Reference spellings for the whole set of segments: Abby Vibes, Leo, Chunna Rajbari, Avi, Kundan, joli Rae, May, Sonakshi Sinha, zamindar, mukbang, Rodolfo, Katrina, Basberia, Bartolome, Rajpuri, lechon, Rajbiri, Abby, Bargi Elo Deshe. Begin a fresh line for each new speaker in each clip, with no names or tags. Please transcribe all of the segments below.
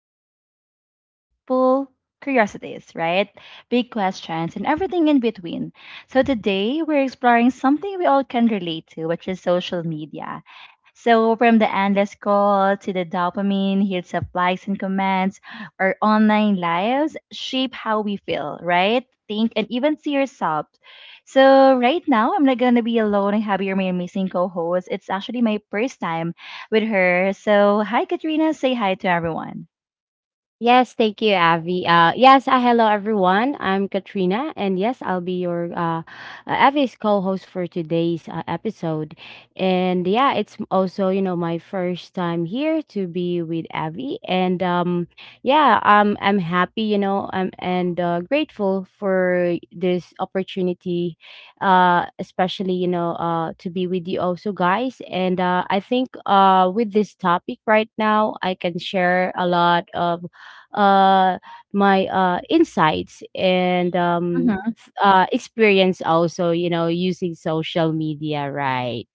dive into life's full curiosities, right? Big questions and everything in between. So today we're exploring something we all can relate to, which is social media. So from the endless scroll to the dopamine hits of likes and comments, our online lives shape how we feel, right? Think and even see yourself. So right now, I'm not gonna be alone and have your my amazing co-host. It's actually my first time with her. So hi, Katrina. Say hi to everyone.
Yes, thank you, Avi. Yes, hello everyone. I'm Katrina, and yes, I'll be your Avi's co-host for today's episode. And yeah, also you know my first time here to be with Avi, and yeah, I'm happy, you know, and grateful for this opportunity, especially you know, to be with you also, guys. And I think with this topic right now, I can share a lot of uh my insights and experience also you know using social media, right?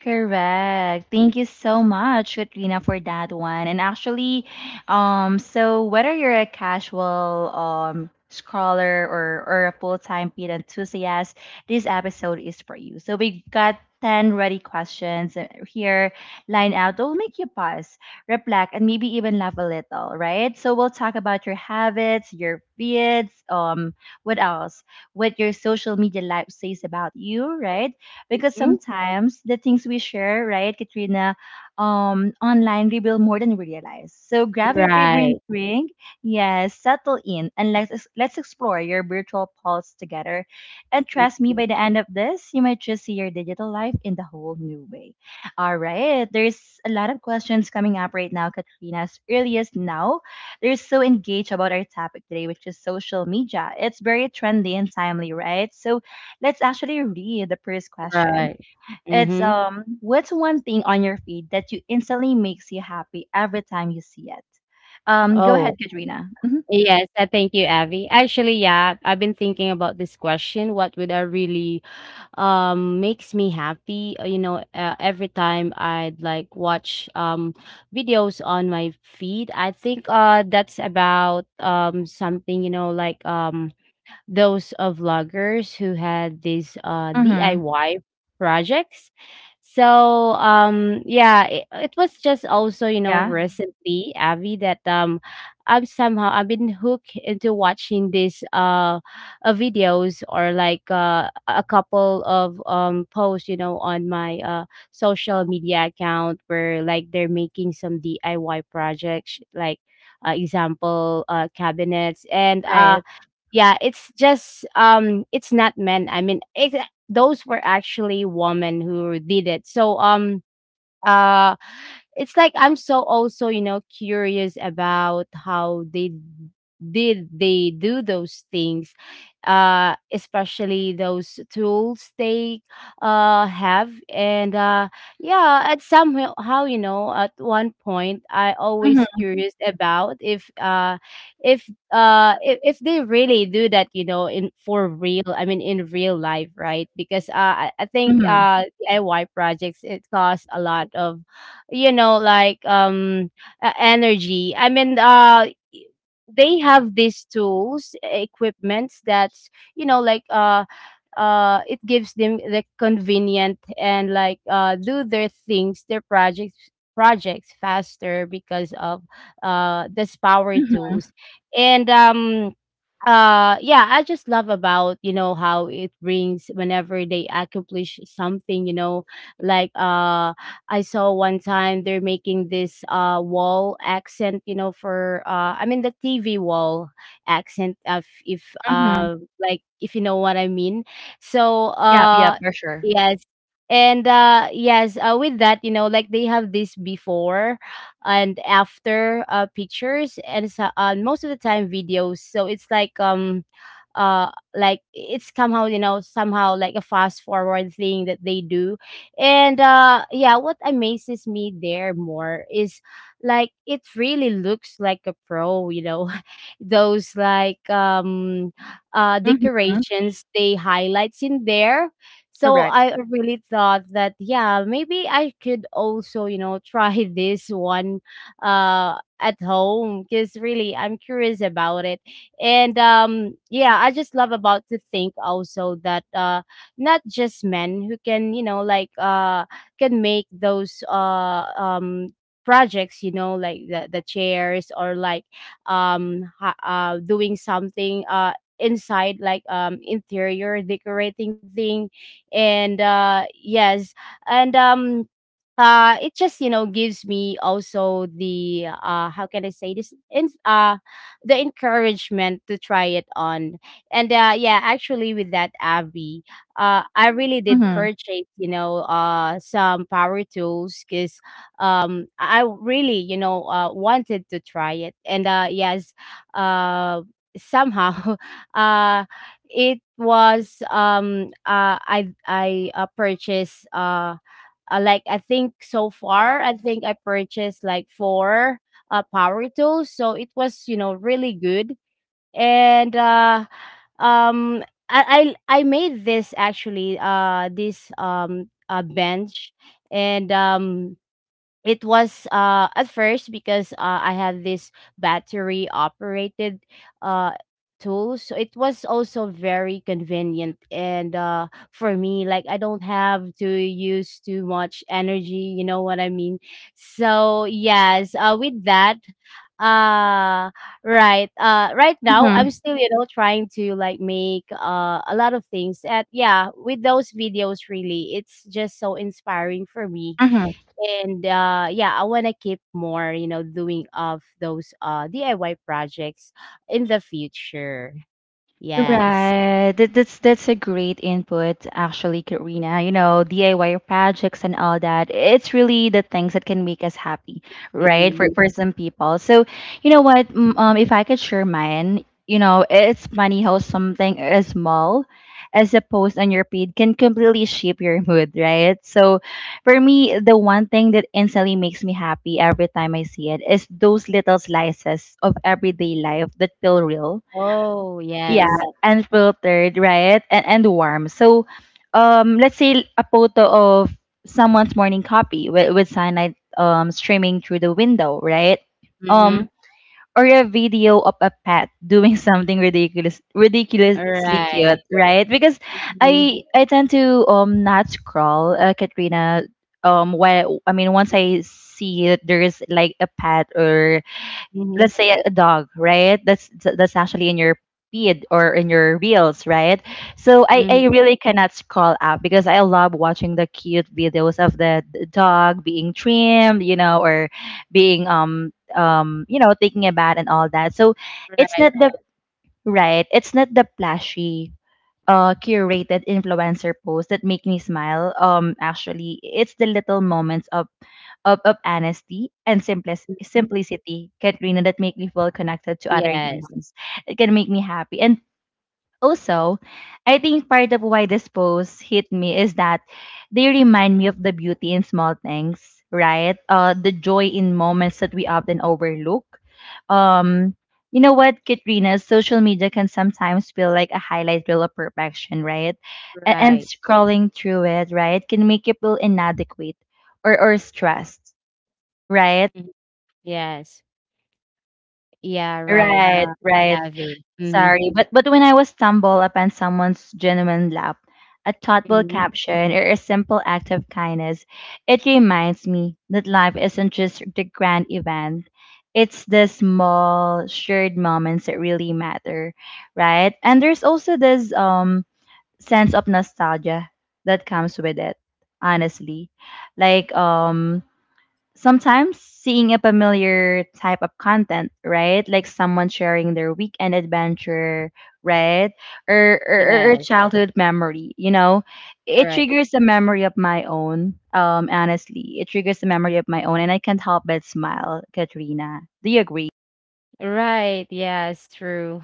Correct. Thank you so much, Katrina, for that one. And actually, so whether you're a casual scholar or a full-time PID enthusiast, this episode is for you. So we've got 10 ready questions here lined out that will make you pause, reflect, and maybe even laugh a little, right? So we'll talk about your habits, your feeds, what else? What your social media life says about you, right? Because
Mhm.
sometimes the things we share, right, Katrina, online reveal more than we realize. So grab your
Right.
favorite drink, yes, settle in, and let's explore your virtual pulse together. And trust me,
Mhm.
by the end of this, you might just see your digital life in the whole new way. All right, there's a lot of questions coming up right now, Katrina. As early as now, they're so engaged about our topic today, which is social media. It's very trendy and timely, right? So let's actually read the first question.
Right.
It's
Mm-hmm.
what's one thing on your feed that you instantly makes you happy every time you see it? Go
Oh,
ahead, Katrina. Mm-hmm.
yes, thank you, Abby. Actually, yeah, I've been thinking about this question, what would I really makes me happy, you know, every time I'd like watch videos on my feed. I think that's about something you know like those of vloggers who had these
Mm-hmm.
DIY projects. So yeah, it was just also you know
Yeah.
recently, Avi, that I've somehow I've been hooked into watching these videos or like a couple of posts you know on my social media account where like they're making some DIY projects like example, cabinets. And
Right.
yeah, it's just it's not men. I mean, those were actually women who did it. So uh it's like I'm so also, you know, curious about how they did they do those things, especially those tools they have. And yeah, at somehow how you know at one point I always
Mm-hmm.
curious about if they really do that, you know, in for real. I mean, in real life, right? Because I think
Mm-hmm.
DIY projects, it costs a lot of, you know, like energy. I mean, they have these tools, equipments that's, you know, like it gives them the convenient and like do their things, their projects faster because of this power tools.
Mm-hmm.
And yeah, I just love about you know how it brings whenever they accomplish something, you know, like uh I saw one time they're making this wall accent, you know, for I mean the TV wall accent of if
Mm-hmm.
like if you know what I mean. So
Yep. Yep. For sure.
yes. And yes, with that, you know, like they have this before and after pictures, and so, most of the time videos. So it's like it's somehow you know somehow like a fast forward thing that they do. And yeah, what amazes me there more is like it really looks like a pro, you know, those like
Mm-hmm.
decorations they highlights in there. So
Correct.
I really thought that, yeah, maybe I could also, you know, try this one uh at home, because really I'm curious about it. And yeah, I just love about to think also that not just men who can, you know, can make those projects, you know, like the chairs or like doing something inside, like interior decorating thing. And yes. And it just you know gives me also the how can I say this in the encouragement to try it on. And yeah, actually, with that, Abby, I really did
Mm-hmm.
purchase, you know, some power tools because I really, you know, wanted to try it. And yes, uh, somehow, uh, it was I purchased like I think so far, I think I purchased like four power tools. So it was, you know, really good. And um, I made this actually this bench. And it was at first because I had this battery operated uh tool, so it was also very convenient. And for me, like, I don't have to use too much energy, you know what I mean. So yes, with that, uh right now I'm still, you know, trying to like make a lot of things. And yeah, with those videos, really it's just so inspiring for me.
Mm-hmm.
And yeah, I want to keep more, you know, doing of those DIY projects in the future. Yes.
Right. That's a great input, actually, Karina. You know, DIY projects and all that. It's really the things that can make us happy, right? For
Mm.
for some people. So, you know what? If I could share mine, you know, it's funny how something as small as a post on your feed can completely shape your mood, right? So, for me, the one thing that instantly makes me happy every time I see it is those little slices of everyday life that feel real,
Oh,
yeah,
yes.
unfiltered, right? And warm. So, let's say a photo of someone's morning coffee with sunlight streaming through the window, right? Um,
Mm-hmm.
or a video of a pet doing something ridiculous,
All
ridiculously cute,
right.
right? Because
Mm-hmm.
I tend to not scroll, Katrina. While I mean, once I see that there's like a pet or
Mm-hmm.
let's say a dog, right? That's actually in your feed or in your reels, right? So I
Mm-hmm.
really cannot scroll up because I love watching the cute videos of the dog being trimmed, you know, or being you know taking a bath and all that. So it's
Right.
not the right, it's not the flashy curated influencer posts that make me smile. Actually, it's the little moments of of honesty and simplic-
Mhm.
simplicity, Katrina, that make me feel connected to other
Yes.
humans. It can make me happy, and also, I think part of why this post hit me is that they remind me of the beauty in small things, right? The joy in moments that we often overlook. Um, you know what, Katrina? Social media can sometimes feel like a highlight reel of perfection, right? And
Right.
scrolling through it, right, can make you feel inadequate or stressed, right?
Mhm. Yes. Yeah, right.
Right, right.
Avid. Mm-hmm.
Sorry, but when I was stumble upon someone's genuine laugh, a thoughtful
Mm-hmm.
caption or a simple act of kindness, it reminds me that life isn't just the grand event. It's the small, shared moments that really matter, right? And there's also this sense of nostalgia that comes with it, honestly. Like sometimes seeing a familiar type of content, right? Like someone sharing their weekend adventure, right? Or or, or
Yes.
childhood memory, you know? It
Right.
triggers a memory of my own. Honestly, it triggers a memory of my own, and I can't help but smile, Katrina. Do you agree?
Right. Yes. True.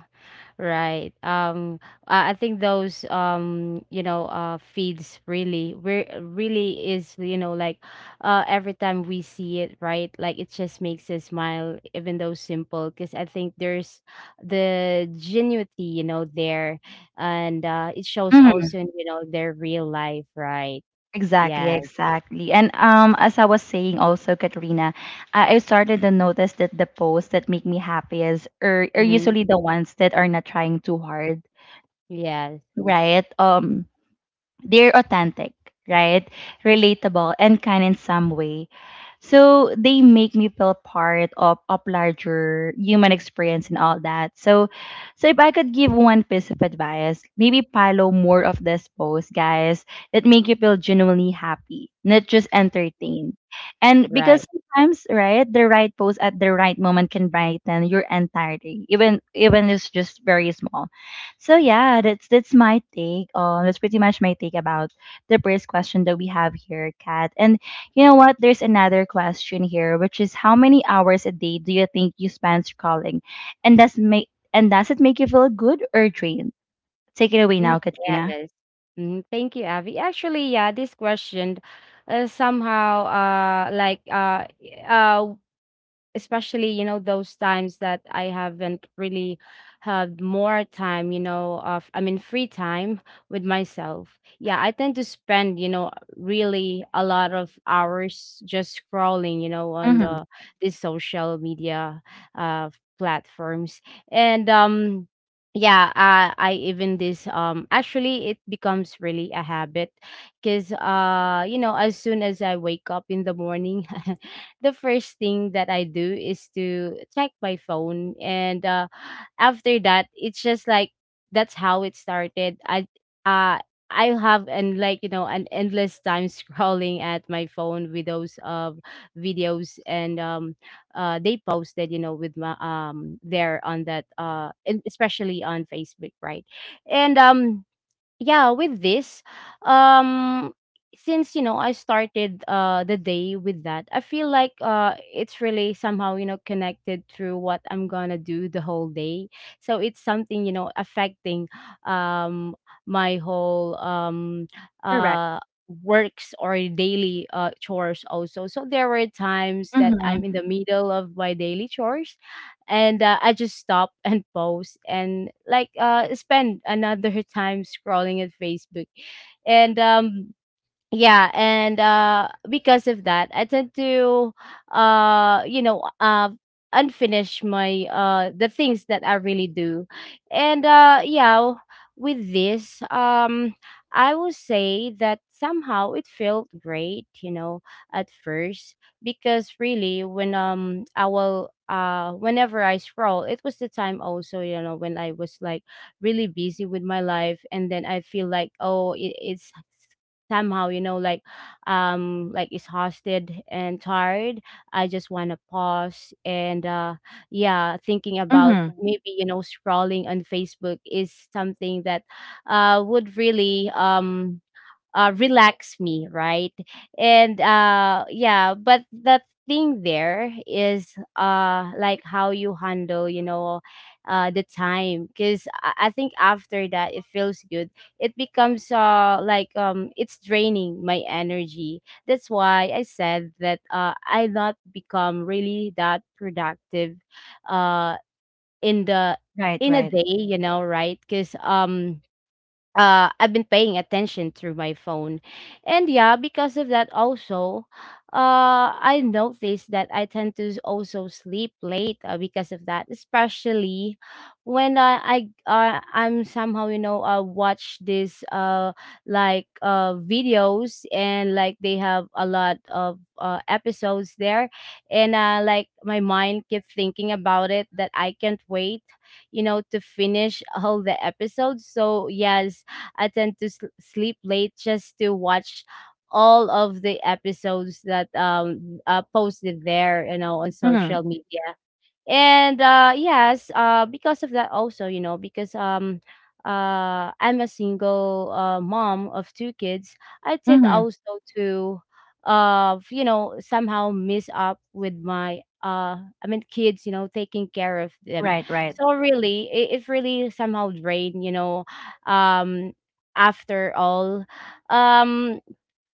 Right. I think those you know, feeds really, really is, you know, like, every time we see it, right? Like it just makes us smile, even though simple. Because I think there's the genuity, you know, there, and it shows
Mm-hmm.
also, you know, their real life, right?
Exactly,
Yes.
exactly. And as I was saying also, Katrina, I started to notice that the posts that make me happy are
Mm-hmm.
usually the ones that are not trying too hard,
Yes.
right? They're authentic, right? Relatable and kind in some way. So they make me feel part of larger human experience and all that. So, so if I could give one piece of advice, maybe follow more of this post, guys, that make you feel genuinely happy, not just entertained. And
Right.
because sometimes, right, the right post at the right moment can brighten your entire day, even even if it's just very small. So yeah, that's my take. That's pretty much my take about the first question that we have here, Kat. And you know what? There's another question here, which is how many hours a day do you think you spend scrolling, and does it make you feel good or drained? Take it away
Mm.
now, Katrina.
Yes. Mm, thank you, Avi. Actually, yeah, this question somehow uh like uh uh especially you know those times that I haven't really had more time, you know, of I mean free time with myself, yeah, I tend to spend, you know, really a lot of hours just scrolling, you know, on
Mm-hmm.
these social media uh platforms. And yeah, I even this actually it becomes really a habit, because you know as soon as I wake up in the morning, the first thing that I do is to check my phone. And after that, it's just like that's how it started. Uh I have and like you know an endless time scrolling at my phone with those videos. And they posted, you know, with my there on that and especially on Facebook, right? And yeah, with this, um since you know I started the day with that, I feel like it's really somehow you know connected through what I'm gonna do the whole day. So it's something you know affecting um my whole
Correct.
uh works or daily chores also. So there were times that
Mm-hmm.
I'm in the middle of my daily chores, and I just stop and pause and like spend another time scrolling at Facebook. And yeah, and because of that I tend to uh you know uh unfinish my the things that I really do. And yeah, with this, I will say that somehow it felt great, you know, at first, because really when I will whenever I scroll, it was the time also you know when I was like really busy with my life. And then I feel like, oh, it's somehow you know like exhausted and tired, I just want to pause. And yeah, thinking about
Mm-hmm.
maybe you know scrolling on Facebook is something that would really relax me, right? And yeah, but the thing there is like how you handle, you know, the time. Because I think after that, it feels good. It becomes like it's draining my energy. That's why I said that I not become really that productive uh, in the
Right.
in a
Right.
day, you know, right? Because I've been paying attention through my phone. And yeah, because of that also, I noticed that I tend to also sleep late because of that, especially when I I'm somehow, you know, watch this videos, and like they have a lot of episodes there. And like my mind keeps thinking about it, that I can't wait you know to finish all the episodes. So yeah, I tend to sleep late just to watch all of the episodes that posted there, you know, on
Mm-hmm.
social media. And yes, because of that also, you know, because I'm a single mom of 2 kids, I tend
Mm-hmm.
also to you know somehow miss up with my uh I mean kids, you know, taking care of them.
Right. Right.
So really, it really somehow drained, you know, um after all, um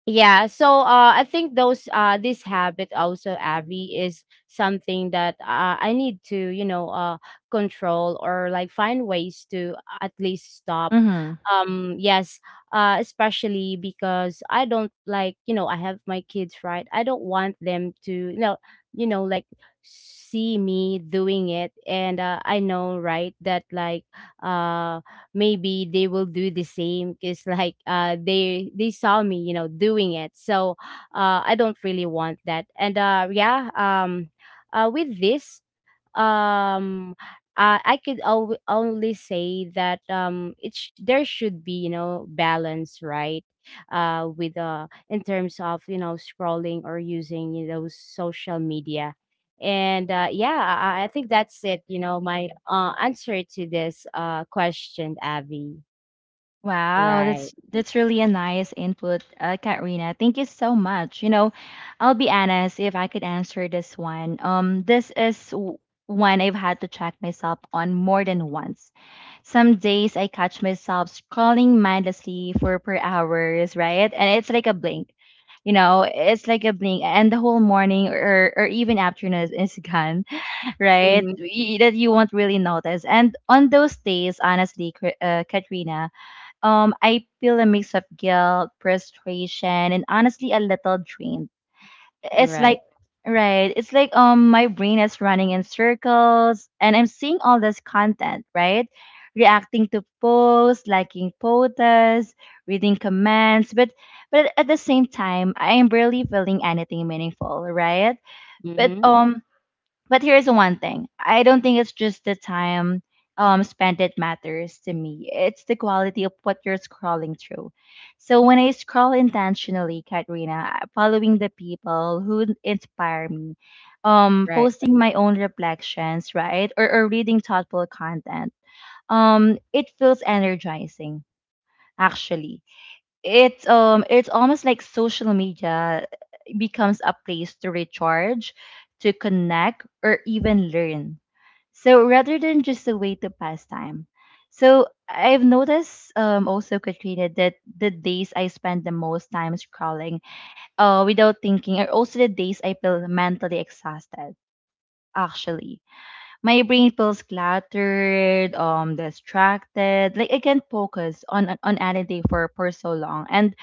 yeah. So I think those this habit also, Abby, is something that I need to, you know, control or like find ways to at least stop.
Mm-hmm.
Yes, especially because I don't like, you know, I have my kids, right? I don't want them to, you know, like see me doing it. And I know, right, that like, uh, maybe they will do the same, cause like, they saw me, you know, doing it. So, I don't really want that, and yeah, with this, um I could only say that there should be balance, right? With In terms of scrolling or using social media, and yeah, I think that's it. My answer to this question, Abby.
Wow,
Right.
that's really a nice input, Katrina. Thank you so much. You know, I'll be honest if I could answer this one. This is one I've had to check myself on more than once. Some days I catch myself scrolling mindlessly for per hours, right? And it's like a blink. You know, it's like a blink, and the whole morning or even afternoon is gone, right?
Mm-hmm.
That you won't really notice. And on those days, honestly, Katrina. I feel a mix of guilt, frustration, and honestly a little drained. It's
Right.
like right, it's like my brain is running in circles and I'm seeing all this content, right? Reacting to posts, liking photos, reading comments, but at the same time, I am barely feeling anything meaningful, right? But
Mm-hmm.
um but here's one thing. I don't think it's just the time spent that matters to me. It's the quality of what you're scrolling through. So when I scroll intentionally, Katrina, following the people who inspire me,
Right.
posting my own reflections, right? Or reading thoughtful content. It feels energizing, actually it's almost like social media becomes a place to recharge to connect or even learn, so rather than just a way to pass time. So I've noticed also Katrina that the days I spend the most time scrolling without thinking are also the days I feel mentally exhausted, actually. My brain feels cluttered, distracted, like I can't focus on anything for so long. And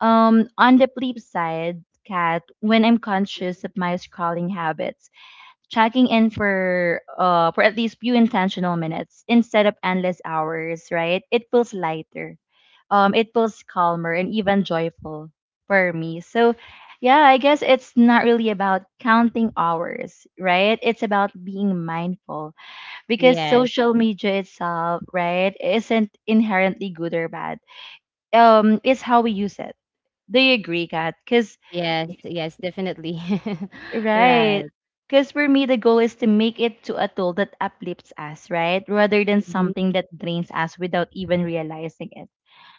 on the flip side, Kat, when I'm conscious of my scrolling habits, checking in for at least few intentional minutes instead of endless hours, right? It feels lighter. It feels calmer and even joyful for me. So yeah, I guess it's not really about counting hours, right? It's about being mindful because
Yes,
social media itself, right, isn't inherently good or bad. It's how we use it. Do you agree, Kat? Because
yes,
yeah.
yes, definitely.
Right.
Right.
Because for me, the goal is to make it to a tool that uplifts us, right? Rather than
Hmm.
something that drains us without even realizing it.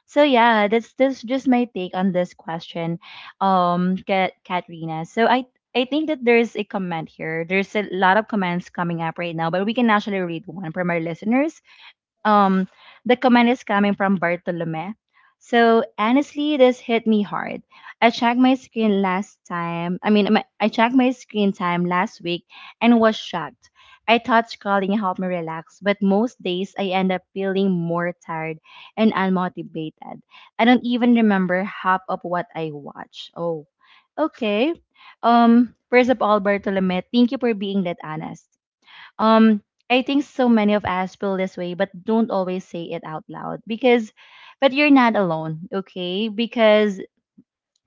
So yeah, that's just my take on this question, Katrina. So I think that there's a comment here. There's a lot of comments coming up right now, but we can actually read one from our listeners. Um, the comment is coming from Bartolome. So honestly, this hit me hard. I checked my screen last time. I mean, my, I checked my screen time last week and was shocked. I thought scrolling helped me relax, but most days I end up feeling more tired and unmotivated. I don't even remember half of what I watch. Oh, okay. First of all, Bartolome, thank you for being that honest. Um, I think so many of us feel this way, but don't always say it out loud because, but you're not alone, okay? Because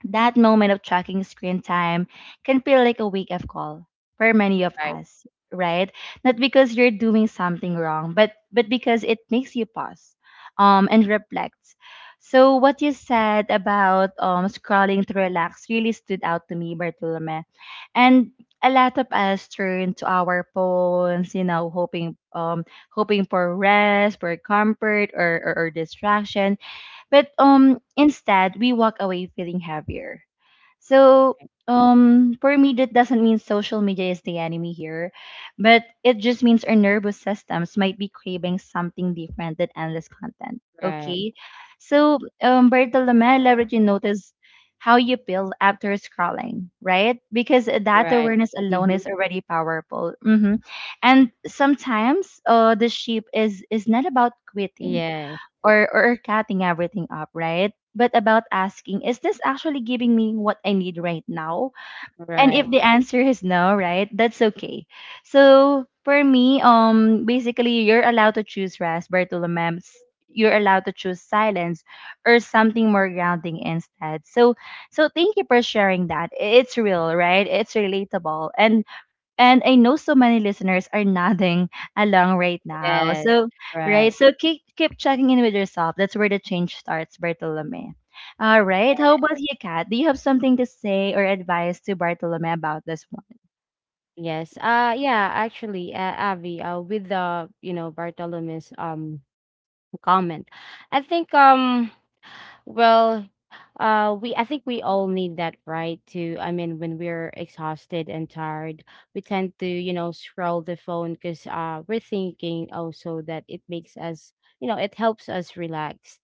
that moment of tracking screen time can feel like a wake up call for many of
Right,
us, right? Not because you're doing something wrong, but because it makes you pause and reflect. So what you said about scrolling to relax really stood out to me, Bartolome. And a lot of us turn to our phones, you know, hoping hoping for rest, for comfort or, or distraction, but instead we walk away feeling heavier. So for me that doesn't mean social media is the enemy here, but it just means our nervous systems might be craving something different than endless content.
right,
Okay. So Bertolome, I'll let you notice how you feel after scrolling, right? Because that
right.
awareness alone
Mm-hmm.
is already powerful. And sometimes the sheep is not about quitting
Yes.
or cutting everything up, right? But about asking, is this actually giving me what I need right now? And if
Right.
the answer is no, right, that's okay. So for me, basically you're allowed to choose rest, Bartolomems. You're allowed to choose silence or something more grounding instead. So thank you for sharing that. It's real, right? It's relatable. And I know so many listeners are nodding along right now.
Yes.
So, right.
Right.
So keep checking in with yourself. That's where the change starts, Bartolome. All right. How
Yeah.
about you, Kat? Do you have something to say or advice to Bartolome about this one?
Yes. Yeah, actually, Avi, with Bartolome's comment. I think, well, we I think we all need that right to, I mean, when we're exhausted and tired, we tend to, scroll the phone cuz we're thinking also that it makes us, it helps us relax.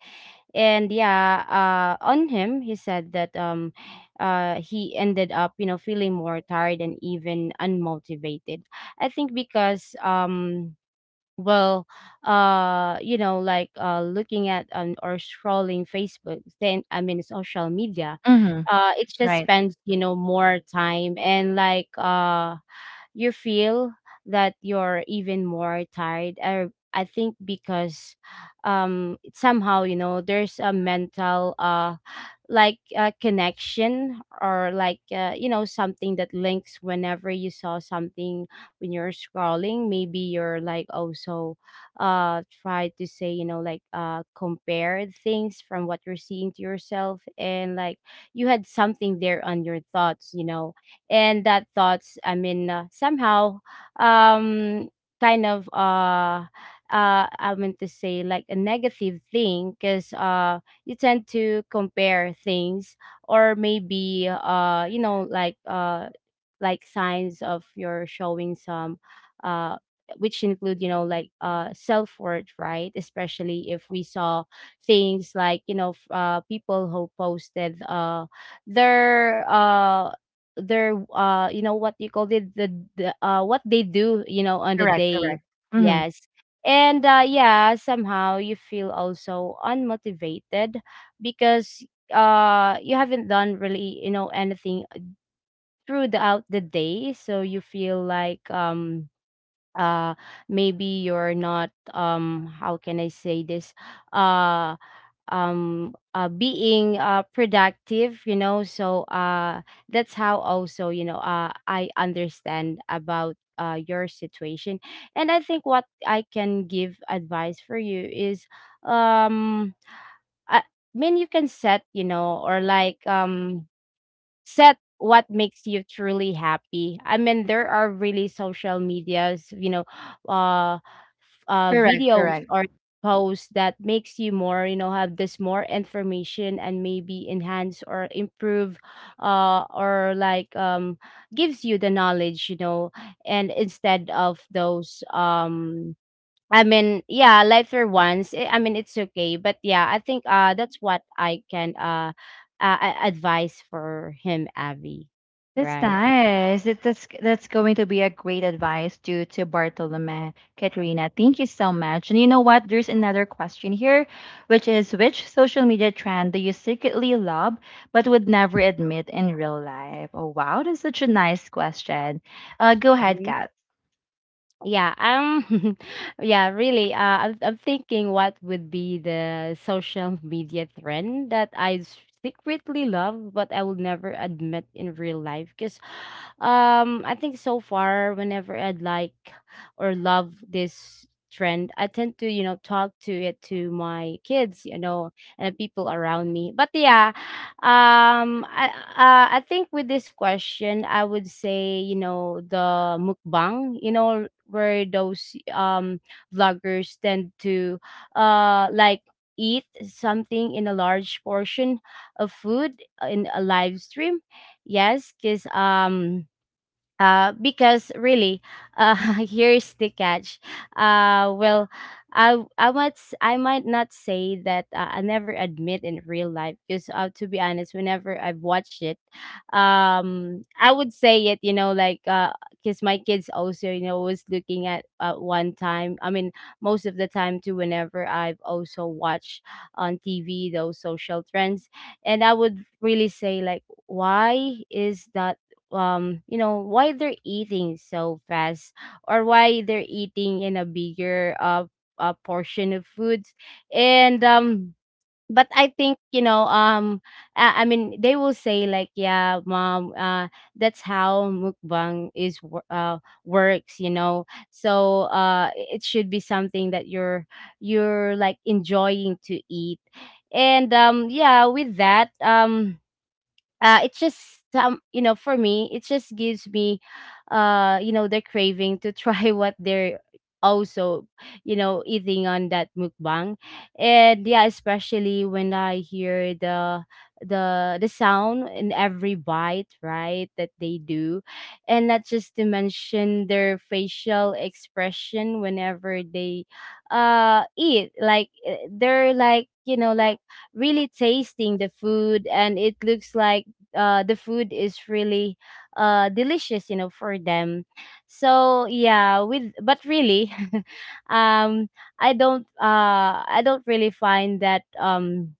And yeah, on him, he said that he ended up, feeling more tired and even unmotivated. I think because, well, looking at, or scrolling Facebook, then, I mean, social media,
Mm-hmm.
it just
Right.
spends, more time, and like you feel that you're even more tired. I think because, somehow, there's a mental like a connection, or like, something that links. Whenever you saw something when you're scrolling, maybe you're like also try to say, compare things from what you're seeing to yourself, and like you had something there on your thoughts, and that thoughts, I mean, somehow um kind of I meant to say like a negative thing, because you tend to compare things, or maybe like signs of your showing some uh which include, self-worth, right? Especially if we saw things like, people who posted their uh their you know what you call it, the, what they do, you know, on the
Correct.
day.
Correct. Mm-hmm.
Yes. And yeah, somehow you feel also unmotivated because you haven't done really, you know, anything throughout the day, so you feel like, uh maybe you're not, how can I say this, uh being productive, you know. So that's how also, I understand about your situation. And I think what I can give advice for you is, um I mean, you can set, you know, or like, set what makes you truly happy. I mean, there are really social medias, you know, uh
Correct.
videos
Correct.
or posts that makes you more, you know, have this more information and maybe enhance or improve or like gives you the knowledge, you know. And instead of those, I mean, yeah, life for once. Eh, I mean, it's okay, but yeah, I think that's what I can advise for him, Abby.
That's
Right.
nice. That's going to be a great advice to Bartolome, Katrina. Thank you so much. And you know what? There's another question here, which is which social media trend do you secretly love but would never admit in real life? Oh wow, that's such a nice question. Go ahead,
Mm-hmm.
Kat.
Yeah, yeah, really. I'm thinking what would be the social media trend that secretly love, but I will never admit in real life. Because, I think so far, whenever I'd like or love this trend, I tend to, you know, talk to it to my kids, you know, and people around me. But yeah, um, I I think with this question, I would say, you know, the mukbang, you know, where those vloggers tend to like eat something in a large portion of food in a live stream. Yes, because, because really, uh, here's the catch. Well, I might I might not say that I never admit in real life, because, to be honest, whenever I've watched it, I would say it. You know, like, because my kids also, you know, was looking at, one time. I mean, most of the time too. Whenever I've also watched on TV those social trends, and I would really say like, why is that? You know, why they're eating so fast, or why they're eating in a bigger portion of foods. And but I think, you know, I mean, they will say like, yeah mom, that's how mukbang is works, you know. So it should be something that you're like enjoying to eat. And yeah, with that, it's just some, you know, for me it just gives me you know the craving to try what they're also, you know, eating on that mukbang. And yeah, especially when I hear the, the sound in every bite, right, that they do. And not just to mention their facial expression, whenever they eat, like, eh, they're like, you know, like really tasting the food, and it looks like the food is really delicious, you know, for them. So yeah, with but really, um, I don't really find that um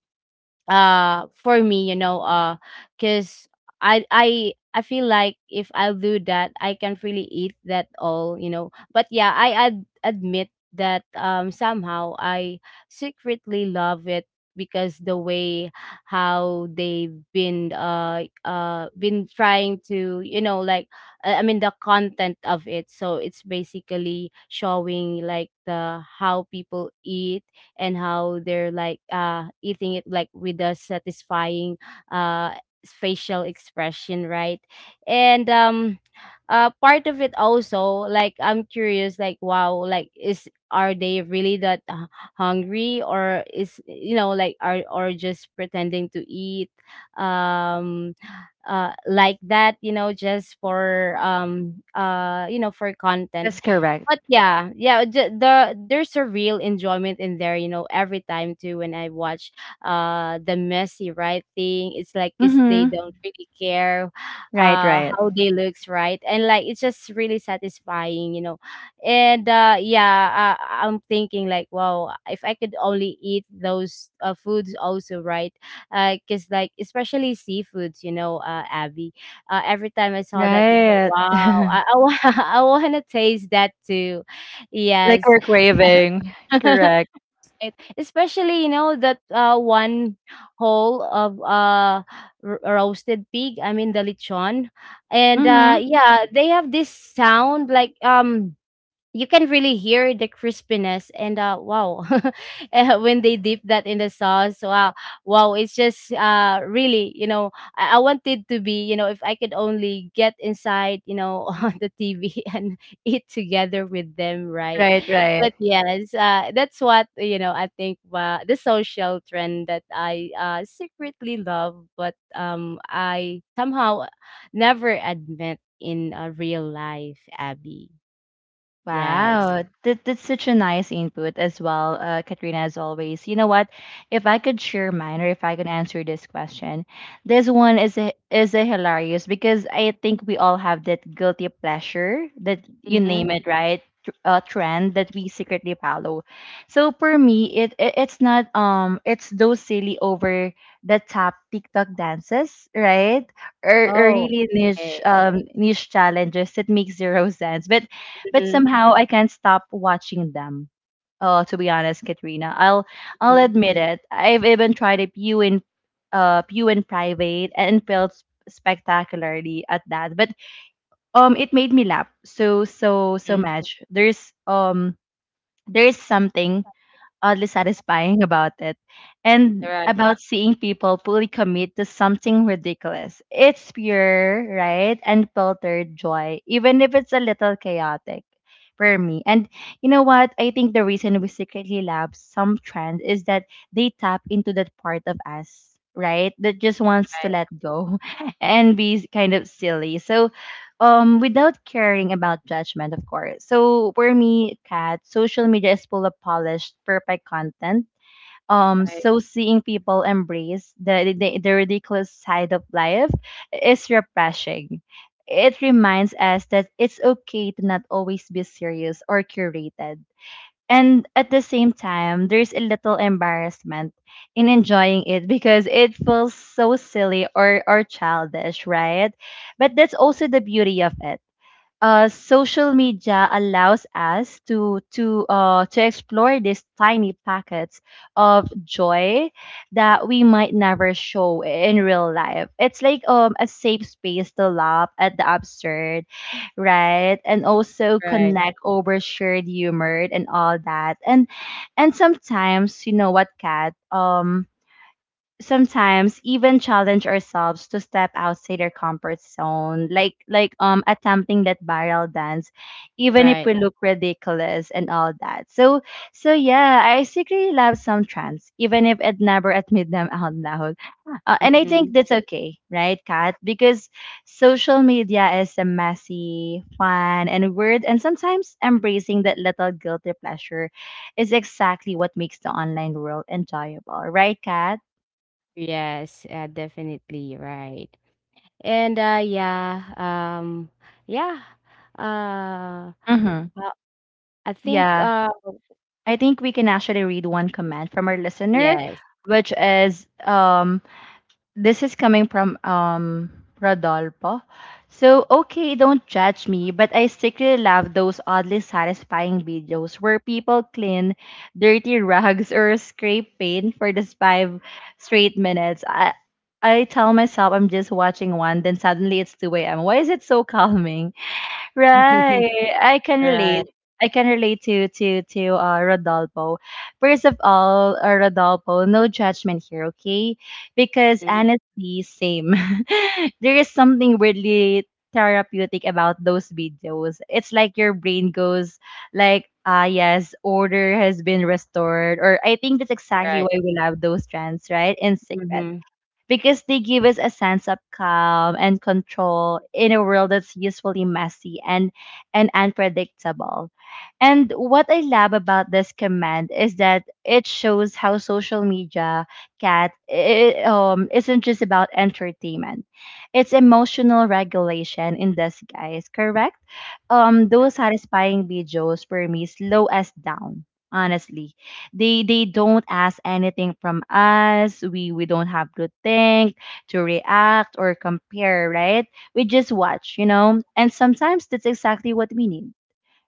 uh for me, you know, because I feel like if I do that I can't really eat that all, you know. But yeah, admit that, somehow I secretly love it because the way how they've been, been trying to, you know, like, I mean the content of it, so it's basically showing like the how people eat and how they're like eating it, like with a satisfying uh facial expression, right? And part of it also, like I'm curious, like, wow, like is, are they really that hungry, or is, you know, like, are, or just pretending to eat, um like that, you know, just for you know, for content.
That's correct.
But yeah, yeah, there's a real enjoyment in there, you know, every time too when I watch the messy, right, thing. It's like it's, they
Mm-hmm.
don't really care
Right, right,
how they looks, right? And like, it's just really satisfying, you know. And yeah, I'm thinking like, wow, if I could only eat those foods also, right? Cuz like, especially seafoods, you know, Abby, every time I saw that, it's like,
right.
wow, I want to taste that too.
Like
Yes.
we're craving. Correct.
It, especially, you know, that one whole of, roasted pig, I mean, the lechon. And
Mm-hmm.
yeah, they have this sound, like, you can really hear the crispiness. And wow, eh, when they dip that in the sauce, wow, wow, it's just really, you know, I wanted to be, you know, if I could only get inside, you know, on the TV and eat together with them, right?
Right, right.
But yes, that's what, you know, I think, the social trend that I secretly love, but I somehow never admit in, real life, Abby. Yes.
Wow, that's such a nice input as well, Katrina, as always. You know what? If I could share mine or if I could answer this question, this one is a hilarious because I think we all have that guilty pleasure that you
Mhm.
name it, right? Trend that we secretly follow. So for me, it's not it's those silly over the top TikTok dances, right? Or
Oh,
really
okay.
niche challenges that make zero sense, but
Mhm,
somehow I can't stop watching them. Oh, to be honest, Katrina, I'll
mhm,
admit it. I've even tried a pew in private and failed spectacularly at that. But it made me laugh so so so
mhm.
much. There is something oddly satisfying about it and
Right,
about seeing people fully commit to something ridiculous. It's pure, right? And filtered joy, even if it's a little chaotic for me. And you know what? I think the reason we secretly love some trend is that they tap into that part of us. Right, that just wants to
right,
let go and be kind of silly. So, without caring about judgment of course. So for me, cat, social media is full of polished perfect content.
right,
So seeing people embrace the ridiculous side of life is refreshing. It reminds us that it's okay to not always be serious or curated, and at the same time there's a little embarrassment in enjoying it because it feels so silly or childish, right? But that's also the beauty of it. Social media allows us to to explore these tiny packets of joy that we might never show in real life. It's like a safe space to laugh at the absurd, right? And also
right,
connect over shared humor and all that. And sometimes you know what, Kat? Sometimes even challenge ourselves to step outside our comfort zone like attempting that viral dance even if we
right.
look ridiculous and all that. So so yeah, I secretly love some trends even if I'd never admit them out loud. And I
Mhm.
think that's okay, right, Kat? Because social media is a messy, fun, and weird, and sometimes embracing that little guilty pleasure is exactly what makes the online world enjoyable, right, Kat?
Yes, definitely right. And yeah, yeah. Uh
Mm-hmm.
uh, I think
Yeah, I think we can actually read one comment from our listener,
yes.
which is this is coming from Rodolfo. So, okay, don't judge me, but I secretly love those oddly satisfying videos where people clean dirty rugs or scrape paint for just five straight minutes. I tell myself I'm just watching one, then suddenly it's 2 a.m. Why is it so calming? Right. I can
Right.
relate. I can relate to Rodolfo. First of all, Rodolfo, no judgment here, okay? Because
Mhm.
honestly, same. There is something weirdly therapeutic about those videos. It's like your brain goes like, ah, yes, order has been restored. Or I think that's exactly why
Right.
we love those trends, right? In secret,
Mhm.
because they give us a sense of calm and control in a world that's usually messy and unpredictable. And what I love about this command is that it shows how social media, cat I isn't just about entertainment. It's emotional regulation in disguise, correct? Those satisfying videos for me slow us down, honestly. They don't ask anything from us. We don't have to think, to react or compare, right? We just watch, you know. And sometimes that's exactly what we need,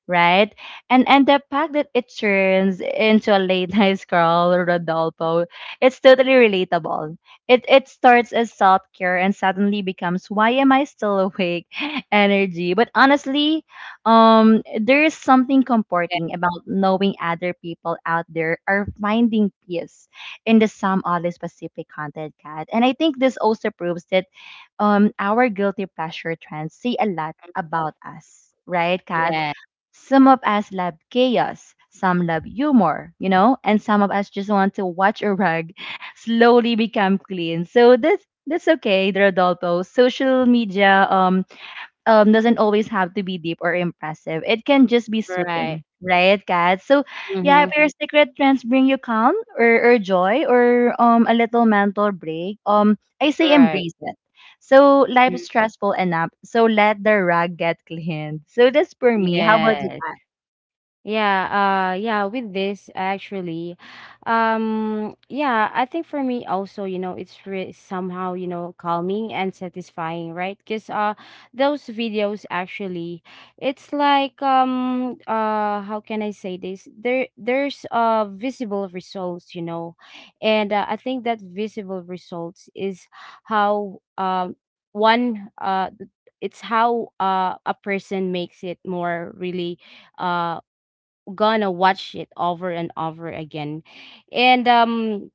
right? And the fact that it turns into a late night scroll or Rodolfo, it's totally relatable. It starts as self care and suddenly becomes why am I still awake energy. But honestly, there is something
Yeah,
comforting about knowing other people out there are finding peace in the some oddly specific content, cat. And I think this also proves that our guilty pleasure trends say a lot about us. Right, Kat?
yeah,
Some of us love chaos, some love humor, you know, and some of us just want to watch a rug slowly become clean. So that's okay, They're Rodolfo. Social media doesn't always have to be deep or impressive. It can just be
right.
soothing, right, Kat? So yeah, if
Mhm.
your secret trends bring you calm or joy or a little mental break, I say
Right.
embrace it. So life is
Mhm.
stressful enough. So let the rug get cleaned. So that's for me. How about you?
Yes. Yeah, yeah, with this actually. Yeah, I think for me also, you know, it's somehow, you know, calming and satisfying, right? Cuz those videos actually, it's like, how can I say this? There's visible results, you know. And I think that visible results is how one it's how a person makes it more really uh gonna watch it over and over again. And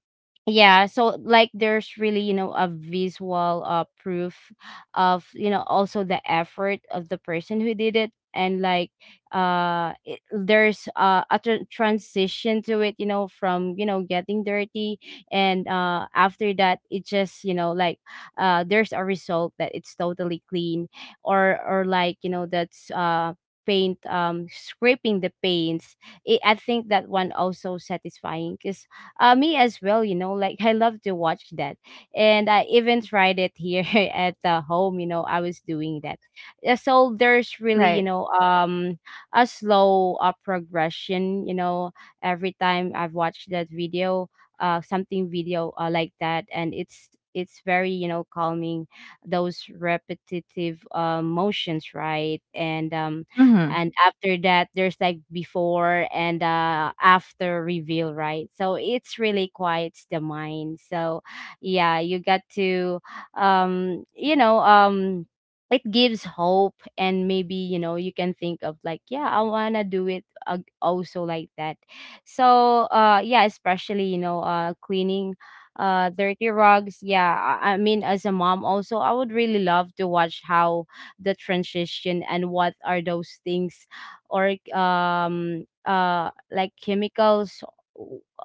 yeah, so like, there's really, you know, a visual proof of, you know, also the effort of the person who did it. And like there's a transition to it, you know, from, you know, getting dirty. And after that, it just, you know, like there's a result that it's totally clean. Or like, you know, that's paint, scraping the paints, it, I think that one also satisfying, because, me as well, you know, like, I love to watch that. And I even tried it here at the home, you know, I was doing that. So there's really, you
Right.
know, a slow progression, you know, every time I've watched that video, something video like that, and it's very, you know, calming, those repetitive motions, right? And um
hmm
and after that there's like before and after reveal, right? So it's really quiets the mind. Yeah, you got to you know it gives hope and maybe, you know, you can think of like, yeah, I want to do it, also like that. So yeah, especially, you know, cleaning dirty rugs. Yeah, I mean, as a mom also, I would really love to watch how the transition and what are those things or like chemicals,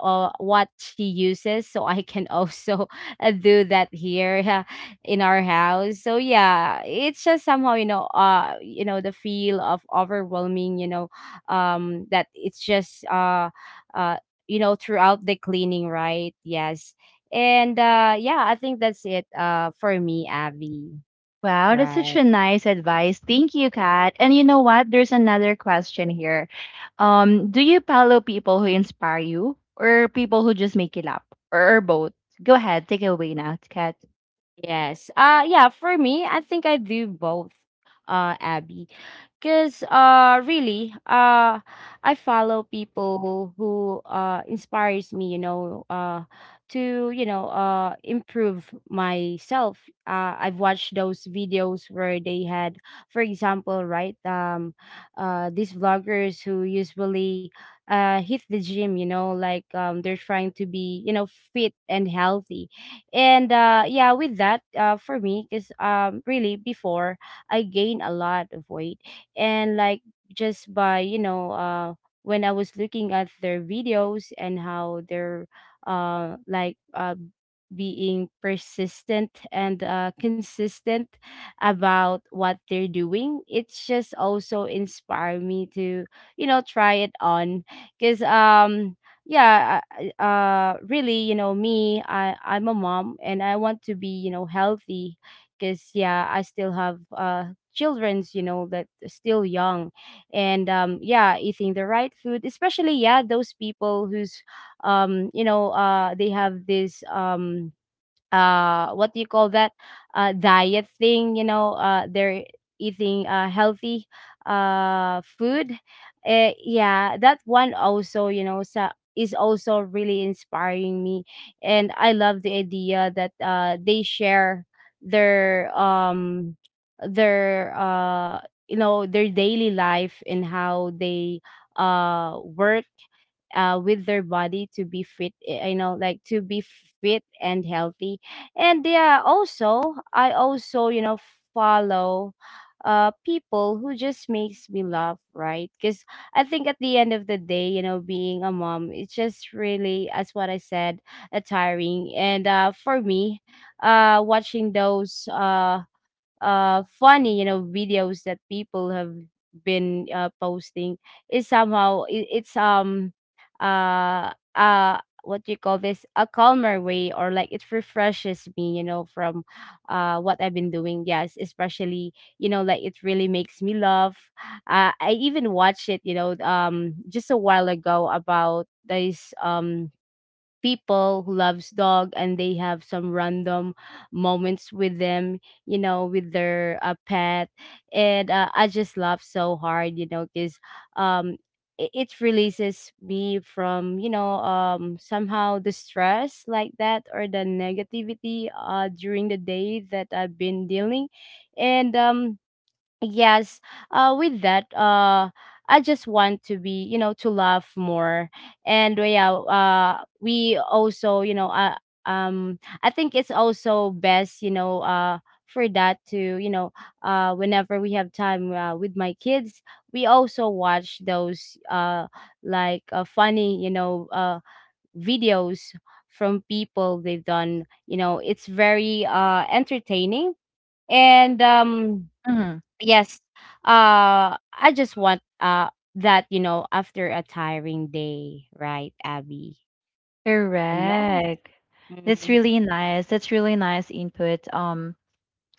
what she uses, so I can also do that here, in our house. So yeah, it's just somehow, you know, the feel of overwhelming, you know, that it's just uh you know, throughout the cleaning, right? Yes. And yeah, I think that's it, for me, Abby.
Wow, that's such
Right.
a nice advice. Thank you, Kat. And you know what? There's another question here. Do you follow people who inspire you or people who just make you laugh or both? Go ahead, take it away now, Kat.
Yes. Yeah, for me, I think I do both. Abby. Cuz really, I follow people who inspires me, you know, to, you know, improve myself. I've watched those videos where they had, for example, right, these vloggers who usually hit the gym, you know, like they're trying to be, you know, fit and healthy. And yeah, with that, for me, because really before, I gained a lot of weight. And like, just by, you know, when I was looking at their videos and how they're uh like uh being persistent and consistent about what they're doing, it's just also inspired me to, you know, try it on. Because yeah really, you know, me, I'm a mom and I want to be, you know, healthy. Because yeah, I still have children's, you know, that are still young. And yeah, eating the right food, especially yeah, those people who's, you know, they have this what do you call that, diet thing, you know, they're eating healthy food. Yeah, that one also, you know, so is also really inspiring me. And I love the idea that they share their their uh you know, their daily life and how they work, with their body to be fit, you know, like to be fit and healthy. And yeah, also I also, you know, follow people who just makes me laugh, right? Because I think at the end of the day, you know, being a mom, it's just really, as what I said, a tiring. And for me, watching those funny, you know, videos that people have been, posting is somehow it, it's uh uh what do you call this, a calmer way, or like it refreshes me, you know, from what I've been doing. Yes, especially, you know, like it really makes me laugh. I even watched it, you know, just a while ago about this, people who loves dog and they have some random moments with them, you know, with their pet. And I just laugh so hard, you know, because um it releases me from, you know, somehow the stress like that, or the negativity during the day that I've been dealing. And yes, with that, I just want to be, you know, to laugh more. And yeah, we also, you know, I think it's also best, you know, for that to, you know, whenever we have time, with my kids, we also watch those funny, you know, videos from people they've done, you know, it's very entertaining. And
hmm
yes. I just want that, you know, after a tiring day, right, Abby? And yes.
Correct. That's
Mhm,
really nice. That's really nice input, um,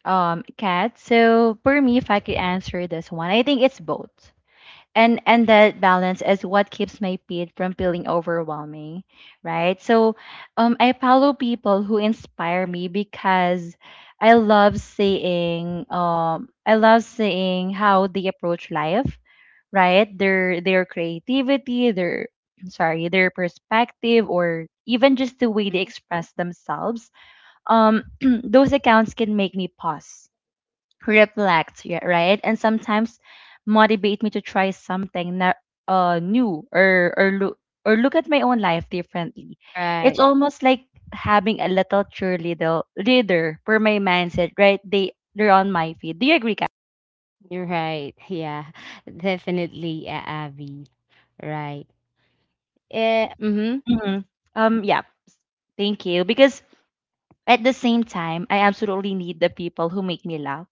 um, Kat. So for me, if I could answer this one, I think it's both. And that balance is what keeps my feed from feeling overwhelming, right? So I follow people who inspire me because I love seeing I love seeing how they approach life, right? Their creativity, their sorry, their perspective, or even just the way they
mhm.
express themselves. um those accounts can make me pause, reflect, yeah, right? And sometimes motivate me to try something new or look at my own life differently. It's
Right.
almost like having a little cheerleader leader for my mindset, right? They they're on my feet. Do you agree, Kat?
You're right. Yeah. Definitely, Abby. Right. Mhm.
Mhm. Yeah, thank you. Because at the same time, I absolutely need the people who make me laugh,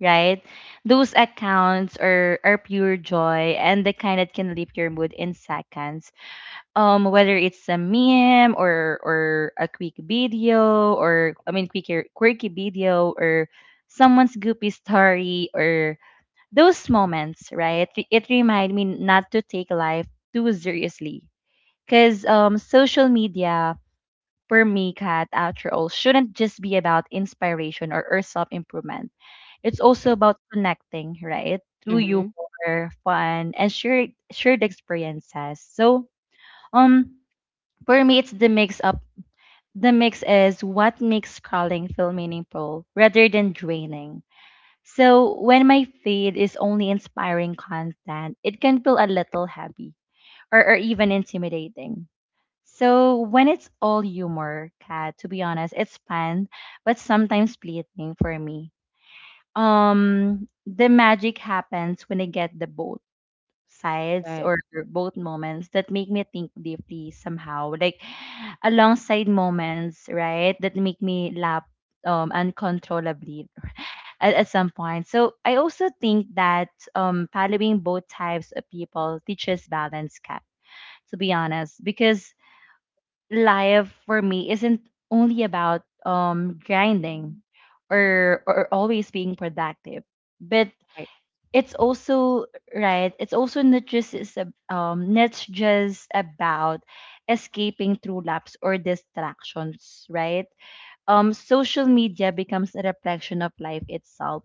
right? Those accounts are pure joy and the kind that can lift your mood in seconds. Whether it's a meme or a quicker quirky video or someone's goopy story or those moments, right? It remind me not to take life too seriously. Cause social media for me, Kat, after all, shouldn't just be about inspiration or self improvement. It's also
Right.
about connecting, right? Through
Mhm.
humor, fun, and shared experiences. So um for me, it's the mix up. The mix is what makes scrolling feel meaningful rather than draining. So when my feed is only inspiring content, it can feel a little heavy or even intimidating. So when it's all humor, cat, to be honest, it's fun, but sometimes fleeting for me. The magic happens when I get the both sides
Right.
or both moments that make me think deeply somehow like alongside moments, right, that make me laugh uncontrollably at some point. So I also think that following both types of people teaches balance, cat, to be honest, because life for me isn't only about grinding or always being productive, but
Right.
it's also right, it's also not just not just about escaping through laps or distractions, right? Social media becomes a reflection of life itself.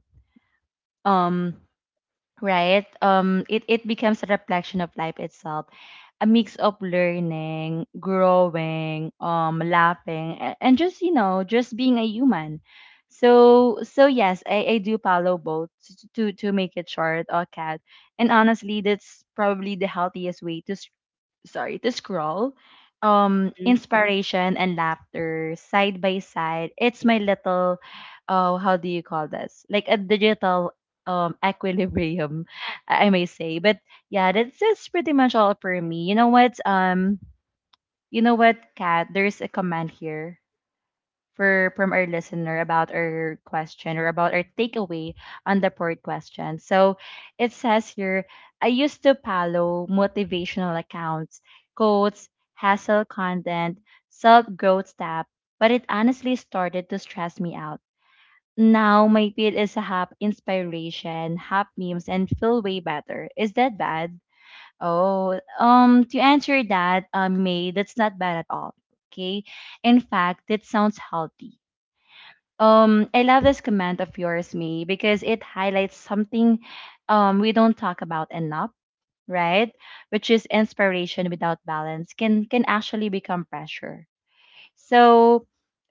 um right? It becomes a reflection of life itself, a mix of learning, growing, laughing, and just you know, just being a human. So so yes, I do follow both to make it short or cat. And honestly, that's probably the healthiest way to sorry, to scroll.
Mm,
Inspiration and laughter side by side. It's my little, how do you call this? Like a digital equilibrium, I may say. But yeah, that's just pretty much all for me. You know what? You know what, Kat? There's a comment here for from our listener about our question or about our takeaway on the port question. So it says here, I used to follow motivational accounts, quotes, hassle content, self-growth stuff, but it honestly started to stress me out. Now my feed is a half inspiration, half memes, and feel way better. Is that bad? Oh, to answer that, May, that's not bad at all. Okay, in fact, it sounds healthy. I love this comment of yours, May, because it highlights something we don't talk about enough, right? Which is inspiration without balance can actually become pressure. So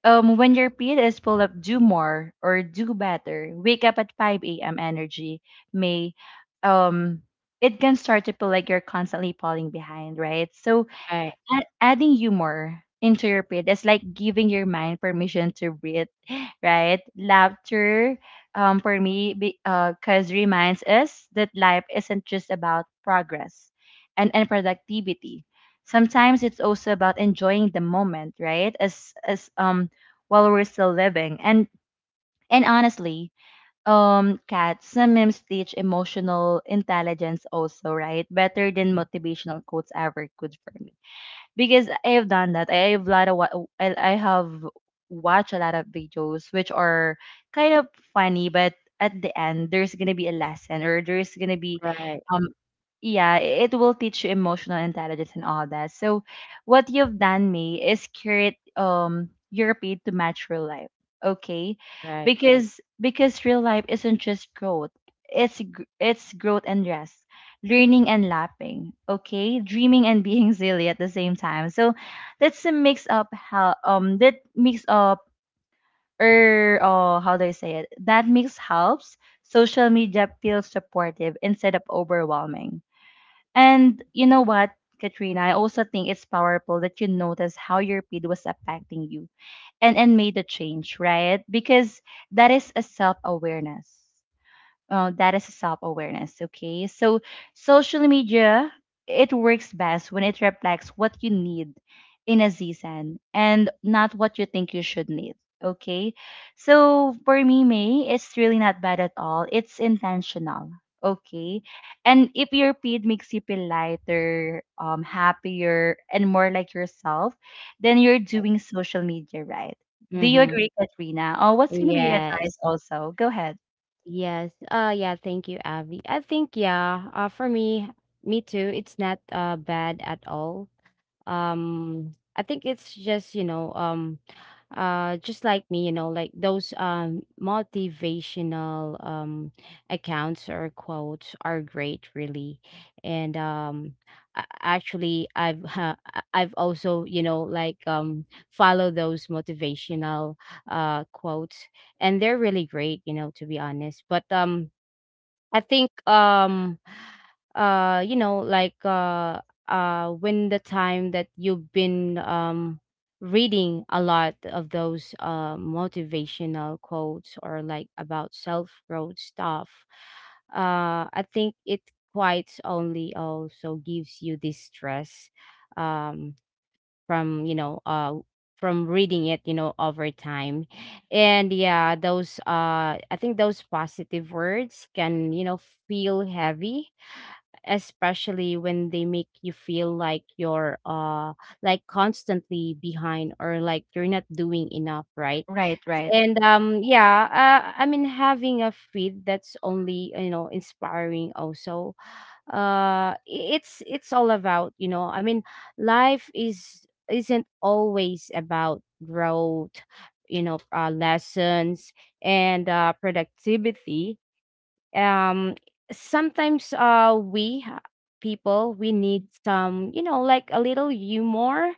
um when your feed is full of do more or do better, wake up at 5 a.m. energy may um it can start to feel like you're constantly falling behind, right? So
right.
adding humor into your feed, is like giving your mind permission to breathe, right? Laughter, for me, because reminds us that life isn't just about progress and productivity. Sometimes it's also about enjoying the moment, right? As while we're still living. And honestly, cats sometimes teach emotional intelligence also, right? Better than motivational quotes ever could for me because I have done that. I have watched a lot of videos which are kind of funny, but at the end there's gonna be a lesson or there's gonna be
Right.
um, yeah, it will teach you emotional intelligence and all that. So, what you've done, May, is create your paid to match real life. Okay,
Right.
because real life isn't just growth; it's growth and rest, learning and laughing. Okay, dreaming and being silly at the same time. So, that's a mix up. How do I say it? That mix helps social media feel supportive instead of overwhelming and you know what, Katrina, I also think it's powerful that you notice how your feed was affecting you and made a change, right? Because that is a self awareness. That is self awareness. Okay. So social media, it works best when it reflects what you need in a season and not what you think you should need. Okay. So for me, May, it's really not bad at all. It's intentional. Okay. And if your feed makes you feel lighter, happier, and more like yourself, then you're
Right.
doing social media right. Do you
Mhm.
agree, Katrina? Oh, what's going to be your
Yes.
advice also? Go ahead.
Yes. Yeah, thank you, Abby. I think yeah, for me, me too. It's not bad at all. I think it's just, you know, just like me, you know, like those motivational accounts or quotes are great, really. And actually, I've also, you know, like, follow those motivational quotes, and they're really great, you know, to be honest. But I think you know, when the time that you've been reading a lot of those, motivational quotes, or like about self-growth stuff, I think it quite only also gives you this stress, um from, you know, from reading it, you know, over time. And yeah, those I think those positive words can, you know, feel heavy, especially when they make you feel like you're like constantly behind, or like you're not doing enough, right?
Right, right.
And yeah, I mean, having a feed that's only, you know, inspiring also. It's all about, you know, I mean, life is isn't always about growth, you know, lessons and productivity. Um sometimes people we need some, you know, like a little humor